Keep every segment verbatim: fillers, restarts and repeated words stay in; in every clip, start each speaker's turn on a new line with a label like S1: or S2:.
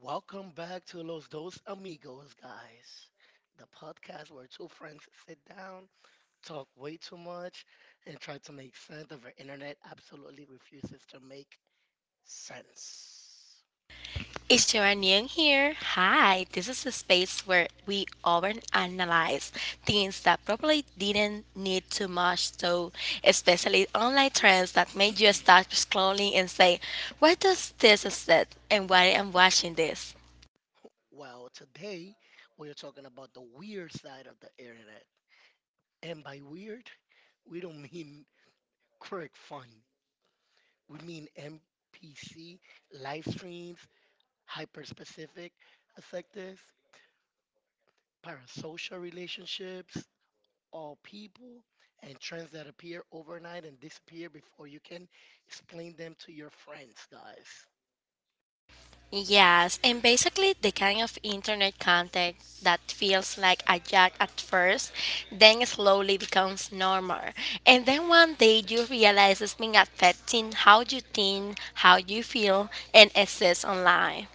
S1: Welcome back to Los Dos Amigos, guys. The podcast where two friends sit down, talk way too much, and try to make sense of our internet absolutely refuses to make sense.
S2: It's Sharanian here. Hi, this is a space where we overanalyze things that probably didn't need too much, so especially online trends that made you start scrolling and say, "Why does this exist?" and why I'm watching this.
S1: Well, today we are talking about the weird side of the internet. And by weird, we don't mean quirk fun. We mean N P C, live streams, hyper specific effects, parasocial relationships, all people and trends that appear overnight and disappear before you can explain them to your friends, guys.
S2: Yes, and basically the kind of internet content that feels like a joke at first, then slowly becomes normal. And then one day you realize it's been affecting how you think, how you feel, and exist online.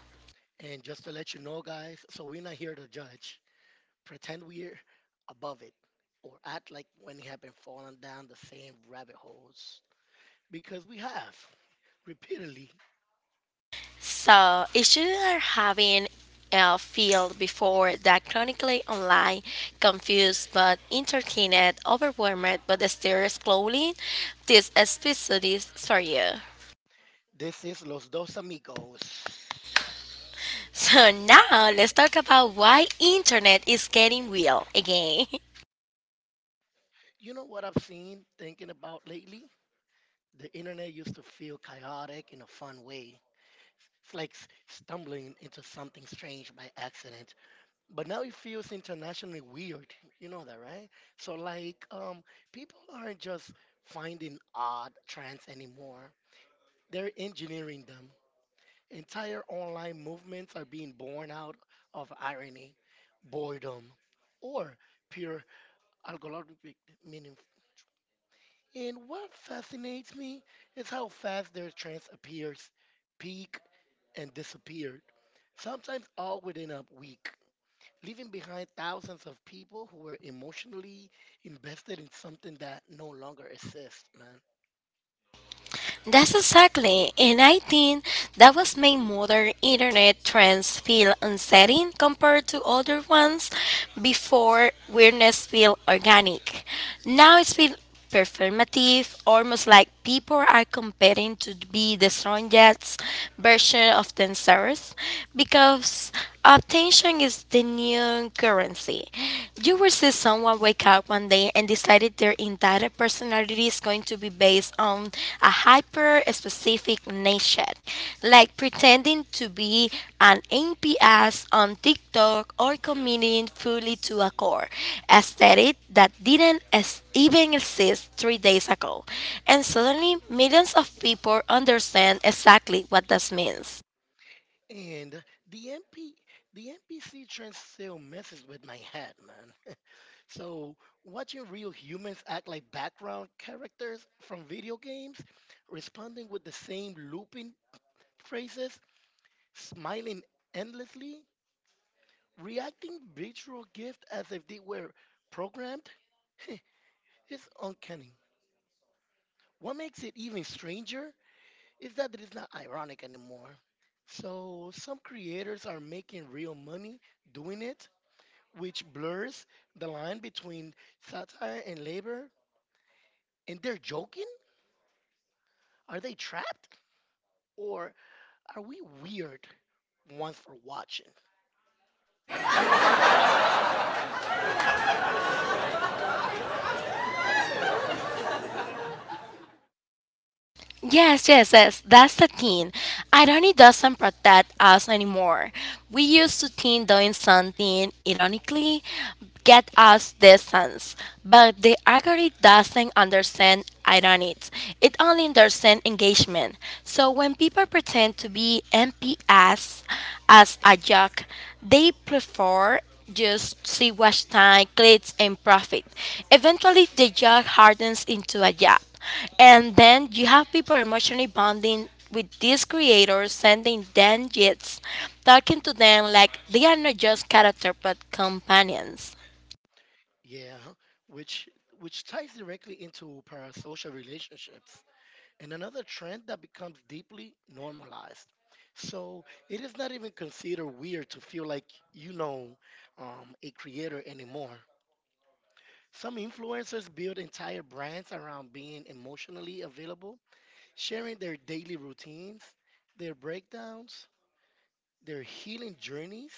S1: And just to let you know, guys, so we're not here to judge. Pretend we're above it or act like when you have been falling down the same rabbit holes because we have repeatedly.
S2: So if you are having a field before that chronically online, confused but entertained, overwhelmed but still scrolling, this episode is for you.
S1: This is Los Dos Amigos.
S2: So now let's talk about why internet is getting real again.
S1: You know what I've seen thinking about lately? The internet used to feel chaotic in a fun way. It's like s- stumbling into something strange by accident. But now it feels internationally weird. You know that, right? So like um people aren't just finding odd trends anymore. They're engineering them. Entire online movements are being born out of irony, boredom, or pure algorithmic meaning, and what fascinates me is how fast their trance appears, peak, and disappeared, sometimes all within a week, leaving behind thousands of people who were emotionally invested in something that no longer exists, man.
S2: That's exactly, and I think that was made modern internet trends feel unsettling compared to other ones before weirdness feel organic. Now it's feel performative, almost like people are competing to be the strongest version of themselves because attention is the new currency. You will see someone wake up one day and decided their entire personality is going to be based on a hyper specific niche, like pretending to be an N P S on TikTok or committing fully to a core aesthetic that didn't es- even exist three days ago. And suddenly, millions of people understand exactly what this means.
S1: And the M P, the N P C trend still messes with my head, man. So watching real humans act like background characters from video games, responding with the same looping phrases, smiling endlessly, reacting virtual gift as if they were programmed. It's uncanny. What makes it even stranger is that it is not ironic anymore. So some creators are making real money doing it, which blurs the line between satire and labor. And they're joking? Are they trapped? Or are we weird once for watching?
S2: Yes, yes, yes. That's the thing. Irony doesn't protect us anymore. We used to think doing something ironically get us distance, but the algorithm doesn't understand irony. It only understands engagement. So when people pretend to be M P S as a joke, they prefer just see watch time, clicks, and profit. Eventually, the joke hardens into a job. And then you have people emotionally bonding with these creators, sending them gifts, talking to them like they are not just character but companions.
S1: Yeah, which which ties directly into parasocial relationships and another trend that becomes deeply normalized. So it is not even considered weird to feel like you know um, a creator anymore. Some influencers build entire brands around being emotionally available, sharing their daily routines, their breakdowns, their healing journeys.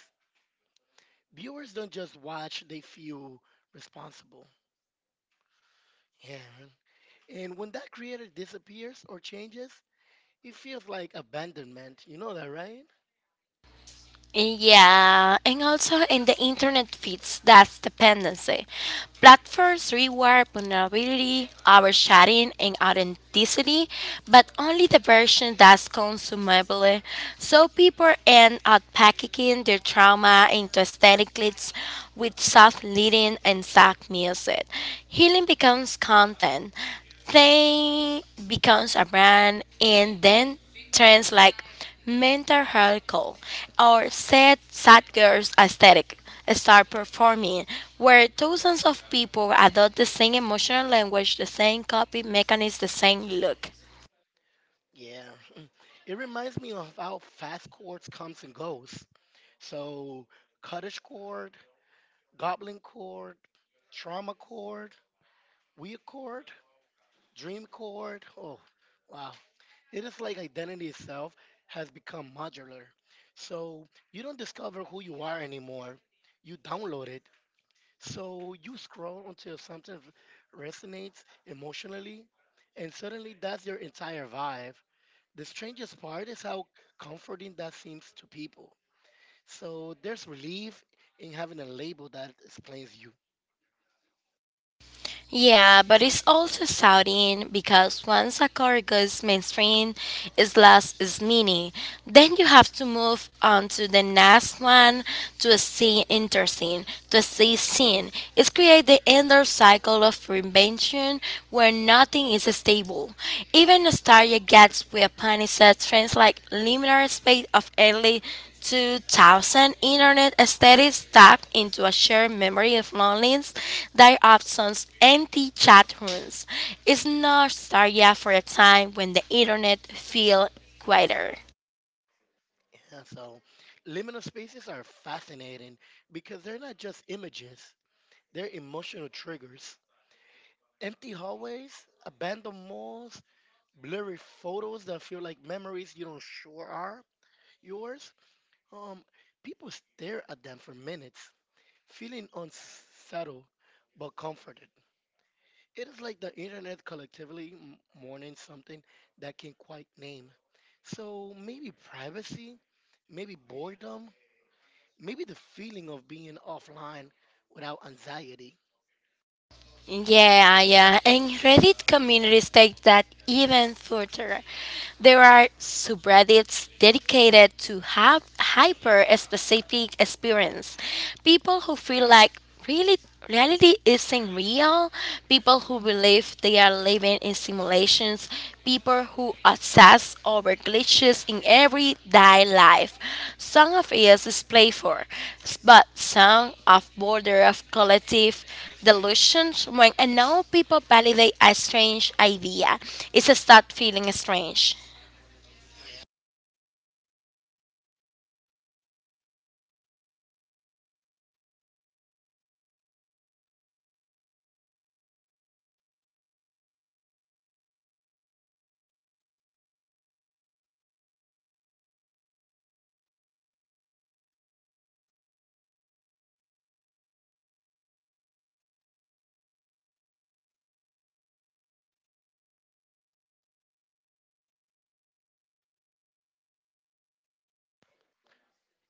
S1: Viewers don't just watch, they feel responsible. Yeah, man. And when that creator disappears or changes, it feels like abandonment. You know that, right?
S2: Yeah, and also in the internet feeds, that's dependency. Platforms reward vulnerability, overshadowing, and authenticity, but only the version that's consumable. So people end up packaging their trauma into aesthetic clips with soft leading and soft music. Healing becomes content. They becomes a brand, and then trends like mental health call or sad sad girls aesthetic start performing where thousands of people adopt the same emotional language, the same copy mechanism, the same look.
S1: Yeah. It reminds me of how fast chords comes and goes. So Kaddish chord, Goblin chord, Trauma chord, Weird chord, Dream chord. Oh, wow. It is like identity itself has become modular. So you don't discover who you are anymore. You download it. So you scroll until something v- resonates emotionally, and suddenly that's your entire vibe. The strangest part is how comforting that seems to people. So there's relief in having a label that explains you.
S2: Yeah, but it's also shouting because once a car goes mainstream, its last is mini. Then you have to move on to the next one to see interesting, to see scene. It's create the endless cycle of reinvention where nothing is stable. Even nostalgia gets weaponized trends like linear space of early two thousand, internet aesthetics tapped into a shared memory of loneliness, that absence, empty chat rooms. It's nostalgia for a time when the internet felt quieter.
S1: Yeah, so liminal spaces are fascinating because they're not just images, they're emotional triggers. Empty hallways, abandoned malls, blurry photos that feel like memories you don't sure are yours. Um, People stare at them for minutes, feeling unsettled but comforted. It is like the internet collectively m- mourning something that can quite name. So maybe privacy, maybe boredom, maybe the feeling of being offline without anxiety.
S2: Yeah, yeah, and Reddit communities take that even further. There are subreddits dedicated to have hyper specific experience. People who feel like really reality isn't real, people who believe they are living in simulations, people who obsess over glitches in everyday life. Some of it is playful, but some of border of collective delusions when unknown people validate a strange idea. It's a start feeling strange.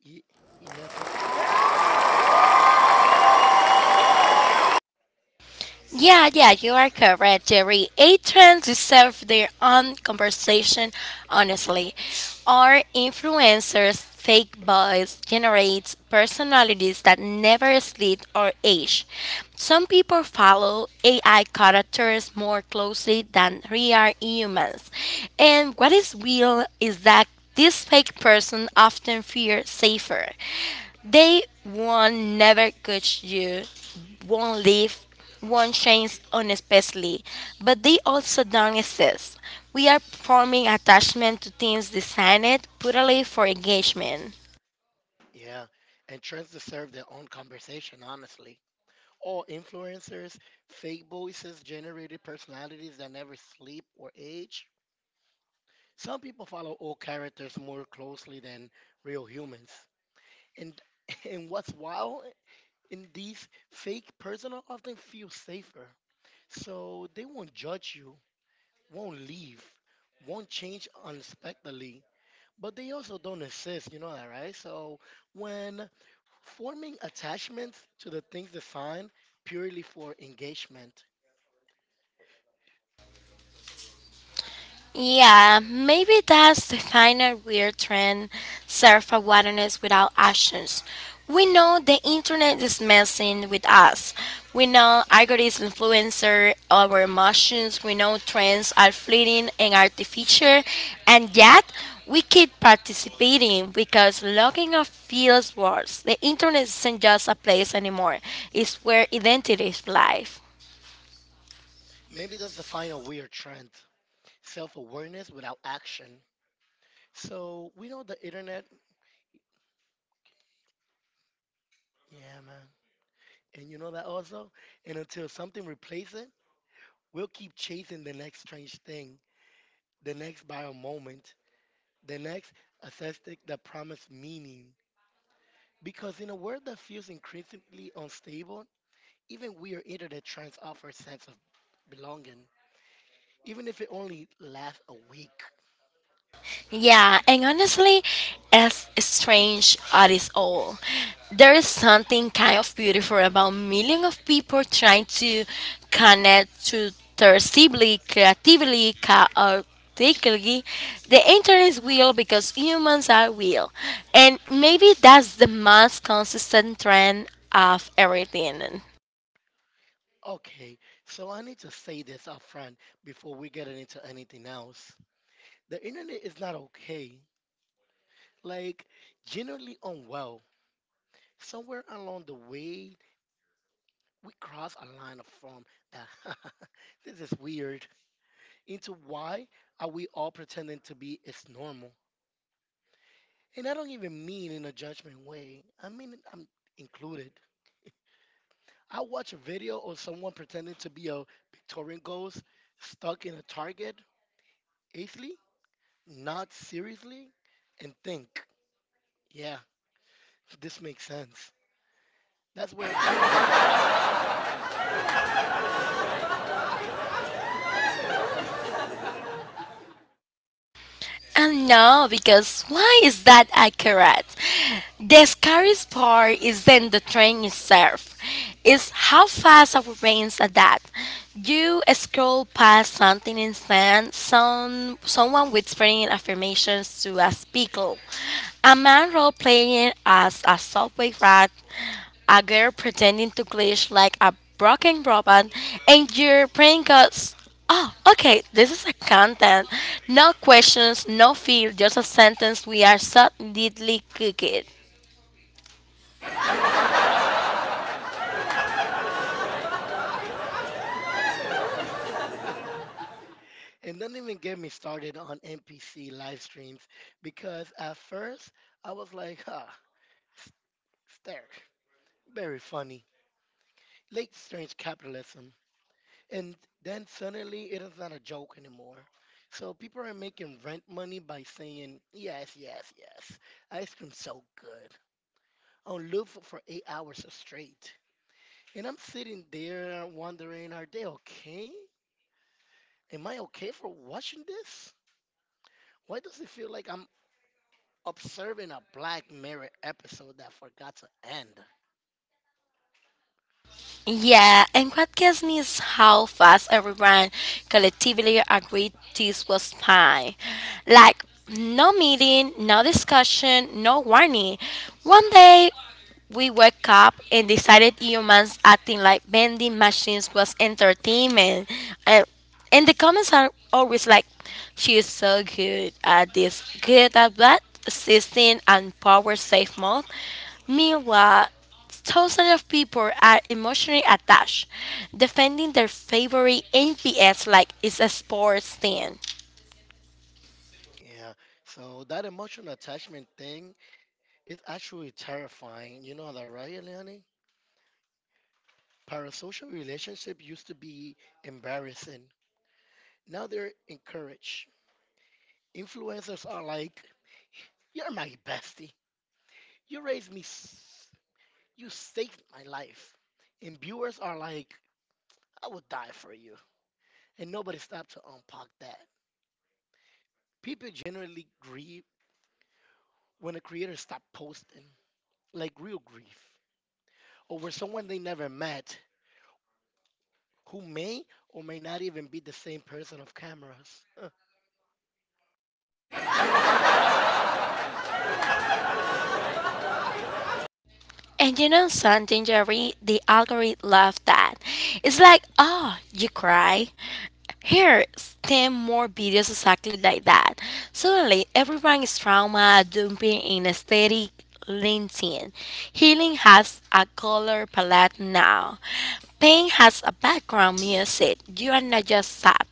S1: Ye- Yeah, so
S2: Yeah, yeah, you are correct, Jerry. Eight trends deserve their own conversation, honestly. Our influencers' fake voice generates personalities that never sleep or age. Some people follow A I characters more closely than real humans. And what is real is that this fake person often feels safer. They won't never catch you, won't leave, won't change unexpectedly, but they also don't exist. We are forming attachment to things designed purely for engagement.
S1: yeah, and trends deserve their own conversation, honestly. All influencers, fake voices, generated personalities that never sleep or age. Some people follow old characters more closely than real humans. And and what's wild in these fake personal often feel safer. So they won't judge you, won't leave, won't change unexpectedly. But they also don't insist, you know that, right? So when forming attachments to the things defined purely for engagement,
S2: Yeah, maybe that's the final weird trend, self awareness without actions. We know the internet is messing with us. We know algorithms influence our emotions. We know trends are fleeting and artificial, and yet we keep participating because logging off feels worse. The internet isn't just a place anymore, it's where identities live.
S1: maybe that's the final weird trend. Self awareness without action. So we know the internet. Yeah, man. And you know that also? And until something replaces it, we'll keep chasing the next strange thing, the next bio moment, the next aesthetic that promised meaning. Because in a world that feels increasingly unstable, even weird internet trends offer a sense of belonging, even if it only lasts a week.
S2: Yeah, and honestly, as strange as it is all, there is something kind of beautiful about millions of people trying to connect to their sibling creatively, chaotically. The internet is real because humans are real, and maybe that's the most consistent trend of everything.
S1: Okay, so I need to say this up front before we get into anything else. The internet is not okay. Like, generally unwell. Somewhere along the way, we cross a line of from that, this is weird, into why are we all pretending to be it's normal. And I don't even mean in a judgment way, I mean I'm included. I watch a video of someone pretending to be a Victorian ghost stuck in a target easily, not seriously, and think, yeah, this makes sense. That's where we're at.
S2: And no, because why is that accurate? The scariest part isn't the train itself, it's how fast our brains adapt. You scroll past something instant, some, someone whispering affirmations to a speaker, a man role playing as a subway rat, a girl pretending to glitch like a broken robot, and your brain goes. Oh, okay. This is a content. No questions, no fear, just a sentence we are so neatly cooked.
S1: And don't even get me started on NPC live streams, because at first I was like, huh, there. Very funny. Late strange capitalism. And then suddenly it is not a joke anymore. So people are making rent money by saying, yes, yes, yes, ice cream's so good. On loop for for eight hours straight. And I'm sitting there wondering, are they okay? Am I okay for watching this? Why does it feel like I'm observing a Black Mirror episode that forgot to end?
S2: Yeah, and what gets me is how fast everyone collectively agreed this was fine. Like, no meeting, no discussion, no warning. One day, we woke up and decided humans acting like vending machines was entertainment. And, and the comments are always like, she is so good at this, good at that, assisting and power safe mode. Meanwhile, thousands of people are emotionally attached, defending their favorite N P S like it's a sports team.
S1: Yeah, so that emotional attachment thing, it's actually terrifying. You know that, right, Eliane? Parasocial relationships used to be embarrassing. Now they're encouraged. Influencers are like, you're my bestie. You raised me. s- You saved my life. And viewers are like, I would die for you. And nobody stopped to unpack that. People generally grieve when a creator stops posting, like real grief, over someone they never met who may or may not even be the same person off cameras.
S2: And you know something, Jerry? The algorithm loved that. It's like, oh, you cry. Here, STEM more videos exactly like that. Suddenly, everyone is trauma dumping in aesthetic linting. Healing has a color palette now. Pain has a background music. You are not just sad.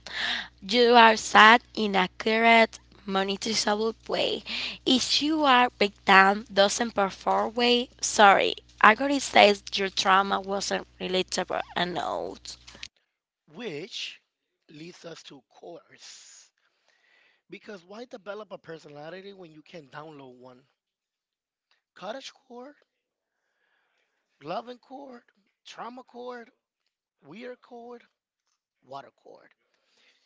S2: You are sad in a correct, monetizable way. If you are victim doesn't perform way, sorry. Algorithm says your trauma wasn't relatable enough.
S1: Which leads us to cores. Because why develop a personality when you can download one? Cottage core, loving core, trauma core, weird core, water core.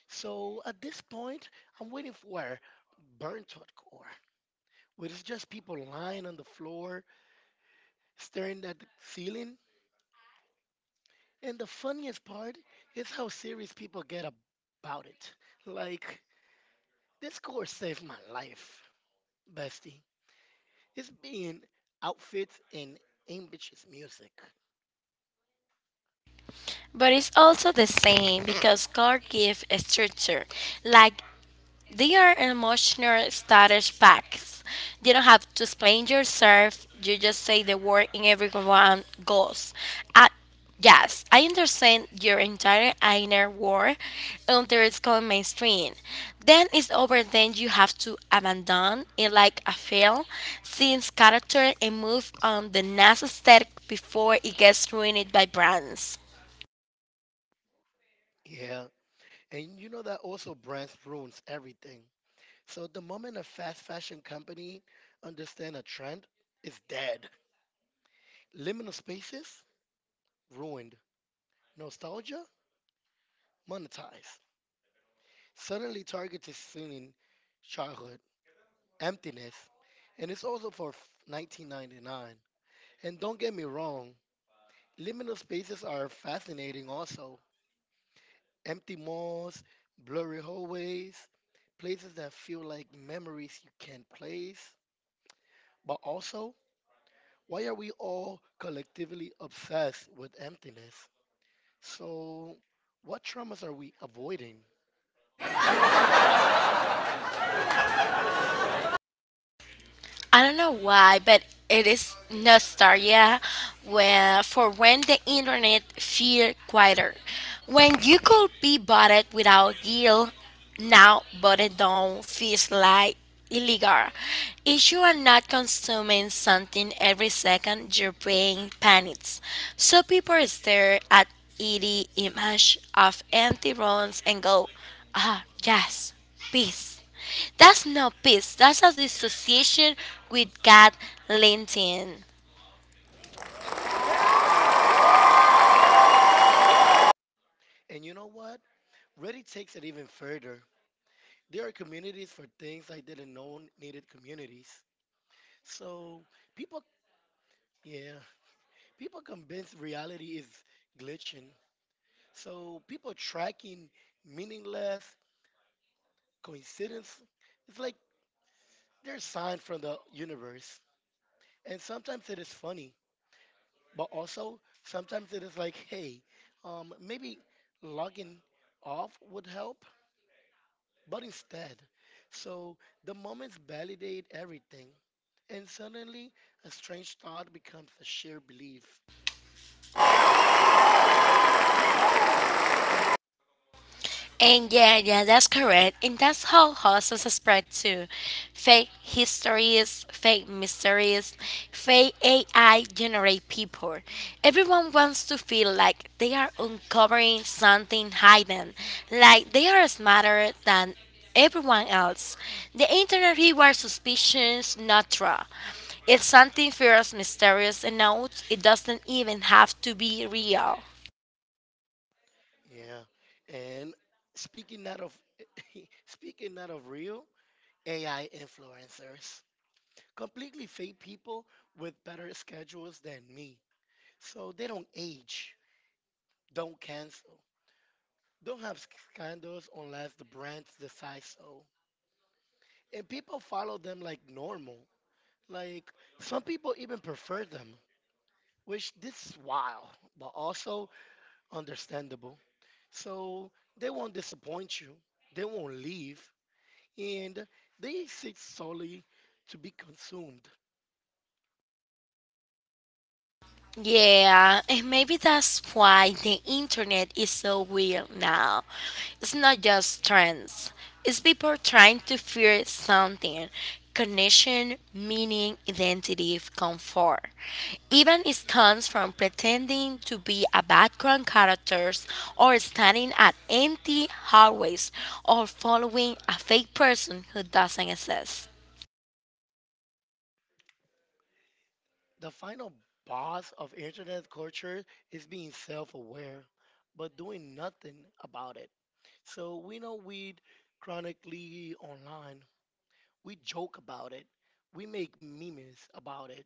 S1: So at this point, I'm waiting for burnt out core, where it's just people lying on the floor, staring at the ceiling. And the funniest part is how serious people get about it. Like, this course saved my life, bestie. It's being outfits and ambitious music.
S2: But it's also the same because cards give a structure. Like they are emotional status packs. You don't have to explain yourself. You just say the word and everyone goes. I, yes, I understand your entire inner world until it's gone mainstream. Then it's over. Then you have to abandon it like a fail, since character and move on the next step before it gets ruined by brands.
S1: Yeah. And you know that also brands ruins everything. So the moment a fast fashion company understand a trend, it's dead. Liminal spaces ruined. Nostalgia monetized. Suddenly Target is selling childhood emptiness, and it's also for f- nineteen ninety-nine. And don't get me wrong, liminal spaces are fascinating also, empty malls, blurry hallways, places that feel like memories you can't place. But also, why are we all collectively obsessed with emptiness? So, what traumas are we avoiding?
S2: I don't know why, but it is nostalgia where, for when the internet feel quieter. When you could be bought without guilt, now bought down feels like illegal. If you are not consuming something every second, your brain panics. So people stare at the image of empty rooms and go, ah, yes, peace. That's not peace. That's a dissociation with God Linton.
S1: And you know what? Reddit takes it even further. There are communities for things I didn't know needed communities. So, people, yeah, people convinced reality is glitching. So, people tracking meaningless coincidence is like their sign from the universe. And sometimes it is funny, but also sometimes it is like, hey, um, maybe logging off would help, but instead. So the moments validate everything. And suddenly, a strange thought becomes a sheer belief.
S2: And yeah, yeah, that's correct. And that's how horses spread too. Fake histories, fake mysteries, fake A I generate people. Everyone wants to feel like they are uncovering something hidden, like they are smarter than everyone else. The internet rewards suspicions, not trust. If something feels mysterious enough, it doesn't even have to be real.
S1: Yeah. And speaking not of speaking not of real A I influencers, completely fake people with better schedules than me. So they don't age, don't cancel, don't have scandals unless the brands decide so. And people follow them like normal. Like some people even prefer them, which this is wild, but also understandable. So they won't disappoint you, they won't leave, and they exist solely to be consumed.
S2: Yeah, and maybe that's why the internet is so weird now. It's not just trends, it's people trying to figure something, connection, meaning, identity, comfort. Even it comes from pretending to be a background characters or standing at empty hallways or following a fake person who doesn't exist.
S1: The final boss of internet culture is being self-aware, but doing nothing about it. So we know we chronically online. We joke about it. We make memes about it.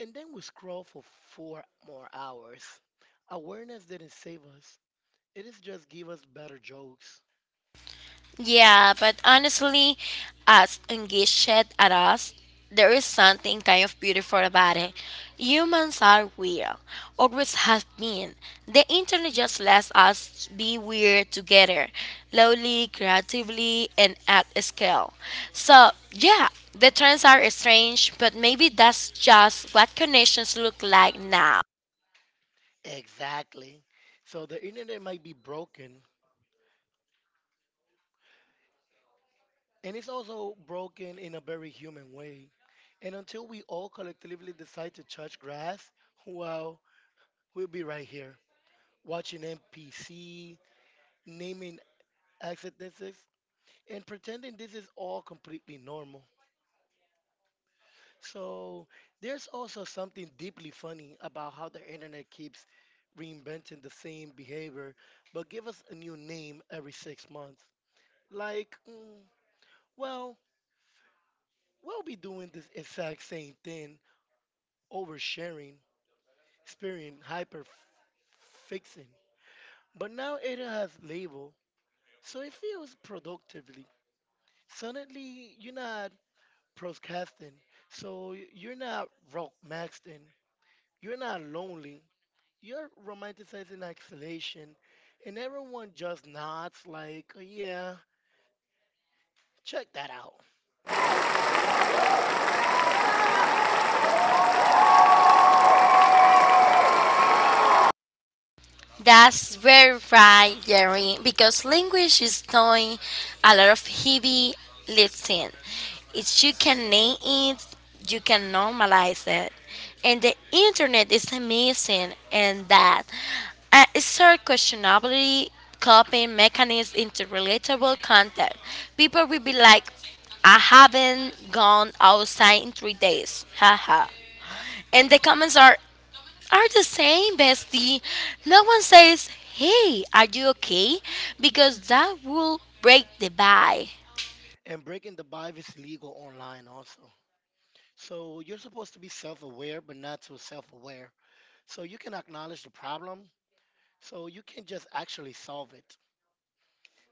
S1: And then we scroll for four more hours. Awareness didn't save us. It is just give us better jokes.
S2: Yeah, but honestly, as engaged at us, there is something kind of beautiful about it. Humans are weird, always have been. The internet just lets us be weird together, slowly, creatively, and at scale. So, yeah, the trends are strange, but maybe that's just what connections look like now.
S1: Exactly. So the internet might be broken. And it's also broken in a very human way. And until we all collectively decide to touch grass, well, we'll be right here watching N P C, naming accidents, and pretending this is all completely normal. So there's also something deeply funny about how the internet keeps reinventing the same behavior, but give us a new name every six months. Like, mm, well, we'll be doing this exact same thing, oversharing, spearing, hyper fixing. But now it has label, so it feels productively. Suddenly, you're not procrastinating, so you're not rock maxing, you're not lonely, you're romanticizing isolation, and everyone just nods like, yeah, check that out.
S2: That's very right, Jerry, because language is doing a lot of heavy lifting. If you can name it, you can normalize it. And the internet is amazing, and that uh, it's our questionably copying mechanism into relatable content. People will be like, I haven't gone outside in three days. Haha. And the comments are are the same, bestie. No one says, "Hey, are you okay?" because that will break the vibe.
S1: And breaking the vibe is legal online also. So you're supposed to be self-aware, but not too self-aware. So you can acknowledge the problem, so you can just actually solve it.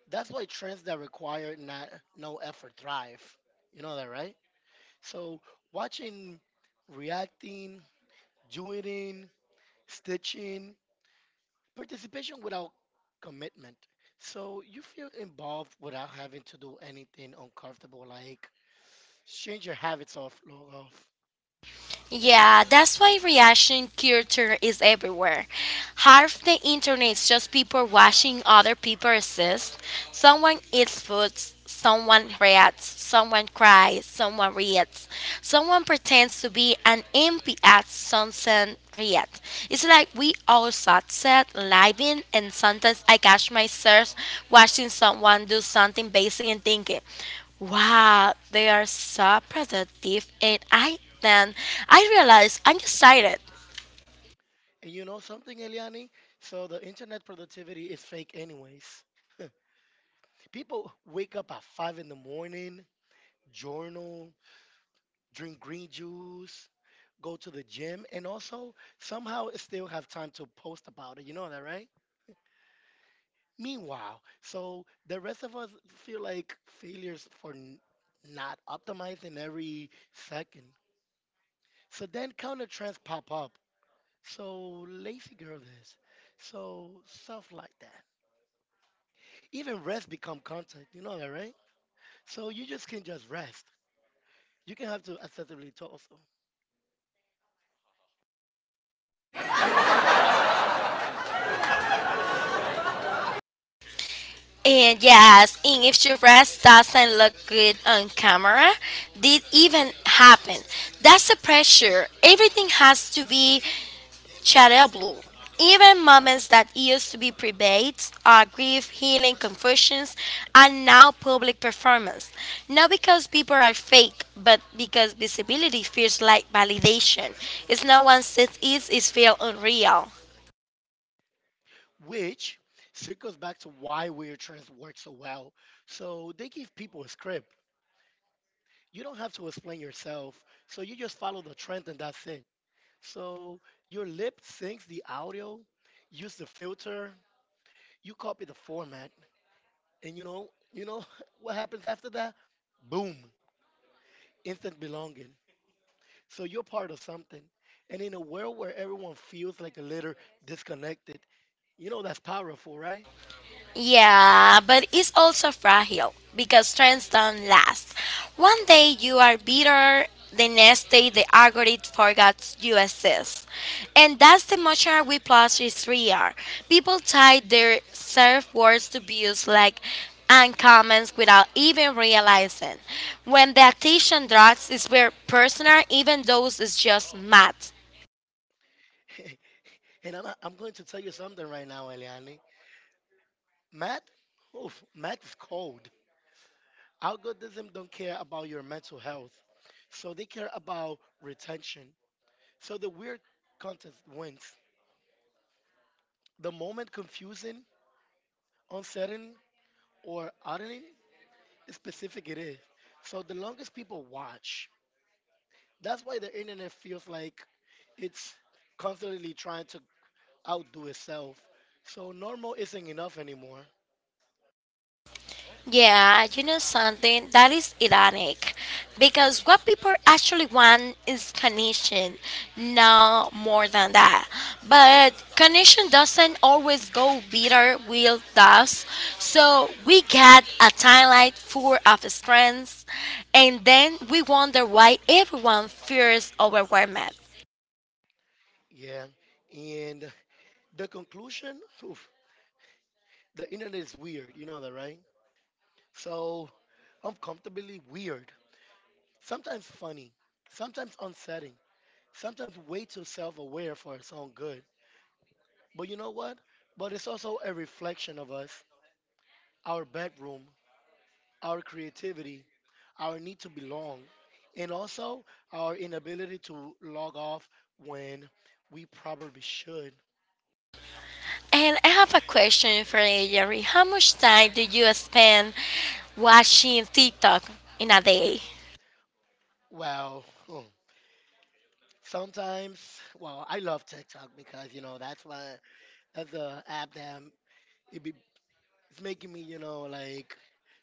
S1: That's why trends that require not no effort thrive. You know that, right? So watching, reacting, joining, stitching, participation without commitment. So you feel involved without having to do anything uncomfortable, like change your habits off, log off.
S2: Yeah, that's why reaction culture is everywhere. Half the internet is just people watching other people exist. Someone eats food, someone reacts, someone cries, someone reacts, someone pretends to be an M P at sunset react. It's like we all sat, sunset living, and sometimes I catch myself watching someone do something basic and thinking. Wow, they are so productive, and I then I realized I'm excited.
S1: And you know something, Eliani? So the internet productivity is fake anyways. People wake up at five in the morning, journal, drink green juice, go to the gym, and also somehow still have time to post about it. You know that, right? Meanwhile, so the rest of us feel like failures for n- not optimizing every second. So then counter trends pop up. So lazy girl this. So stuff like that. Even rest become content. You know that, right? So you just can just rest. You can have to accessibility tools
S2: And yes, and if your breast doesn't look good on camera, did even happen. That's the pressure. Everything has to be terrible. Even moments that used to be debates, or grief, healing, confessions, are now public performance. Not because people are fake, but because visibility feels like validation. It's no one says it is feel unreal.
S1: which circles back to why Weird Trends works so well. So they give people a script. You don't have to explain yourself, so you just follow the trend and that's it. So your lip syncs the audio, use the filter, you copy the format, and you know, you know what happens after that? Boom, instant belonging. So you're part of something. And in a world where everyone feels like a little disconnected, you know that's powerful, right?
S2: Yeah, but it's also fragile because trends don't last. One day you are bitter, the next day the algorithm forgets you exist. And that's the emotional whiplash is real. People tie their self worth to views like and comments without even realizing. When the attention drops, it's very personal, even though it's just mad.
S1: And I'm, I'm going to tell you something right now, Eliani. Math? Oof, math is cold. Algorithm don't care about your mental health. So they care about retention. So the weird contest wins. The moment confusing, uncertain, or odding, specific it is. So the longest people watch. That's why the internet feels like it's constantly trying to outdo itself. So normal isn't enough anymore.
S2: Yeah, you know something? That is ironic. Because what people actually want is connection, no more than that. But connection doesn't always go bitter with us. So we get a timeline full of strengths, and then we wonder why everyone feels overwhelmed.
S1: Yeah. And the conclusion, oof, the internet is weird. You know that, right? So uncomfortably weird, sometimes funny, sometimes unsettling, sometimes way too self aware for its own good. But you know what? But it's also a reflection of us, our bedroom, our creativity, our need to belong, and also our inability to log off when we probably should.
S2: And I have a question for you, Jerry. How much time do you spend watching TikTok in a day?
S1: Well, hmm, sometimes, well, I love TikTok because, you know, that's my, that's the app that I'm, it be, it's making me, you know, like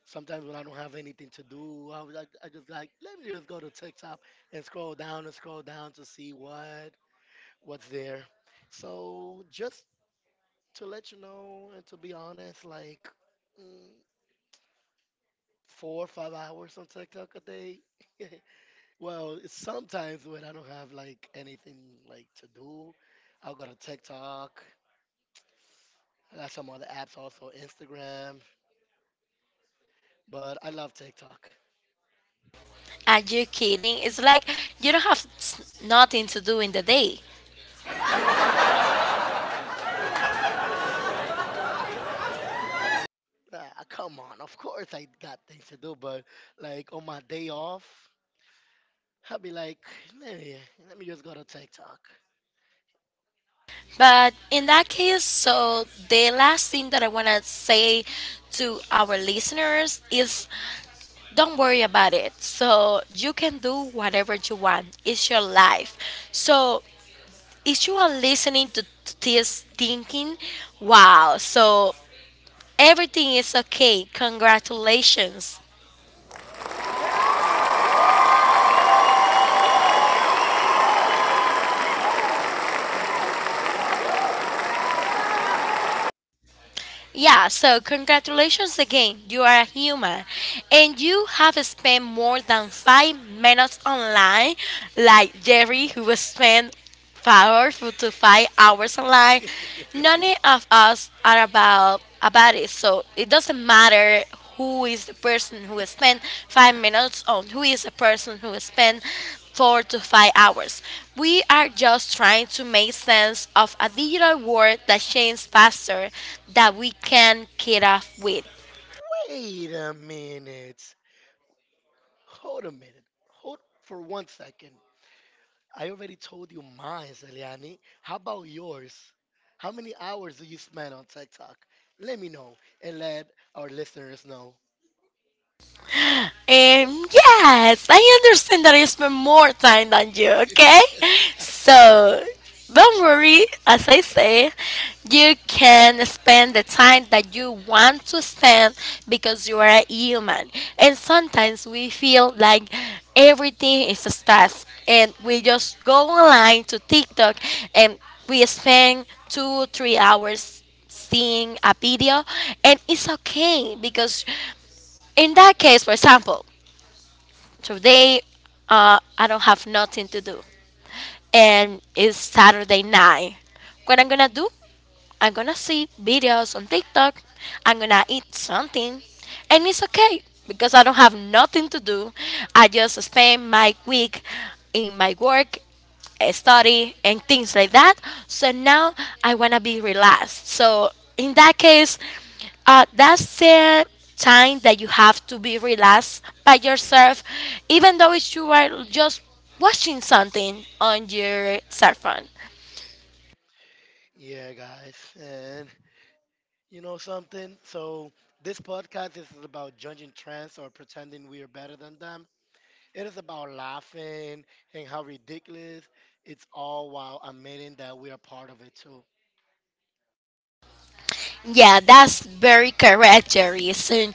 S1: sometimes when I don't have anything to do, I, was- I, I just like let me just go to TikTok and scroll down and scroll down to see what what's there. So just to let you know and to be honest, like mm, four or five hours on TikTok a day. Well, it's sometimes when I don't have like anything like to do, I'll go to TikTok. I got some other apps also, Instagram, but I love TikTok.
S2: Are you kidding? It's like you don't have s- nothing to do in the day.
S1: Ah, come on, of course I got things to do, but like on my day off, I'll be like, let me, let me just go to TikTok.
S2: But in that case, so the last thing that I want to say to our listeners is don't worry about it. So you can do whatever you want, it's your life. So if you are listening to this thinking, wow, so everything is okay, congratulations. Yeah, so congratulations again. You are a human and you have spent more than five minutes online, like Jerry, who was spent four to five hours online. None of us are about about it, so it doesn't matter who is the person who spent five minutes on, who is the person who spent four to five hours. We are just trying to make sense of a digital world that changes faster than we can keep up with.
S1: Wait a minute. Hold a minute. Hold for one second. I already told you mine, Eliani. How about yours? How many hours do you spend on TikTok? Let me know and let our listeners know.
S2: Um, yes, I understand that I spend more time than you, okay? So, don't worry, as I say, you can spend the time that you want to spend because you are a human. And sometimes we feel like everything is a stress, and we just go online to TikTok and we spend two, three hours seeing a video and it's okay because in that case for example today, uh, I don't have nothing to do, and it's Saturday night. What I'm gonna do? I'm gonna see videos on TikTok. I'm gonna eat something. And it's okay because I don't have nothing to do. I just spend my week in my work, eh, study, and things like that. So now I wanna be relaxed. So in that case, uh, that's the time that you have to be relaxed by yourself, even though it's you are just watching something on your cell phone.
S1: Yeah, guys. And you know something? So, this podcast is about judging trends or pretending we are better than them. It is about laughing and how ridiculous it's all while admitting that we are part of it too.
S2: Yeah, that's very correct, Jerry. So,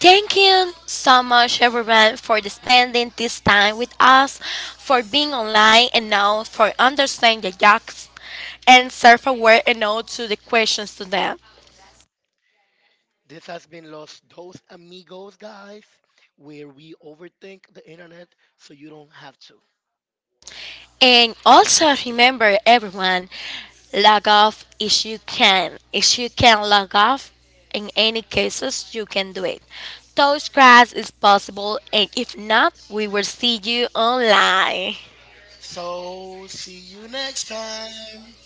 S2: thank you so much, everyone, for the spending this time with us, for being online, and now for understanding the jokes and self-aware and all to the questions to them.
S1: This has been Los Dos Amigos, guys, where we overthink the internet so you don't have to.
S2: And also remember, everyone, log off if you can. If you can log off, in any cases, you can do it. Toast class is possible, and if not, we will see you online.
S1: So, see you next time.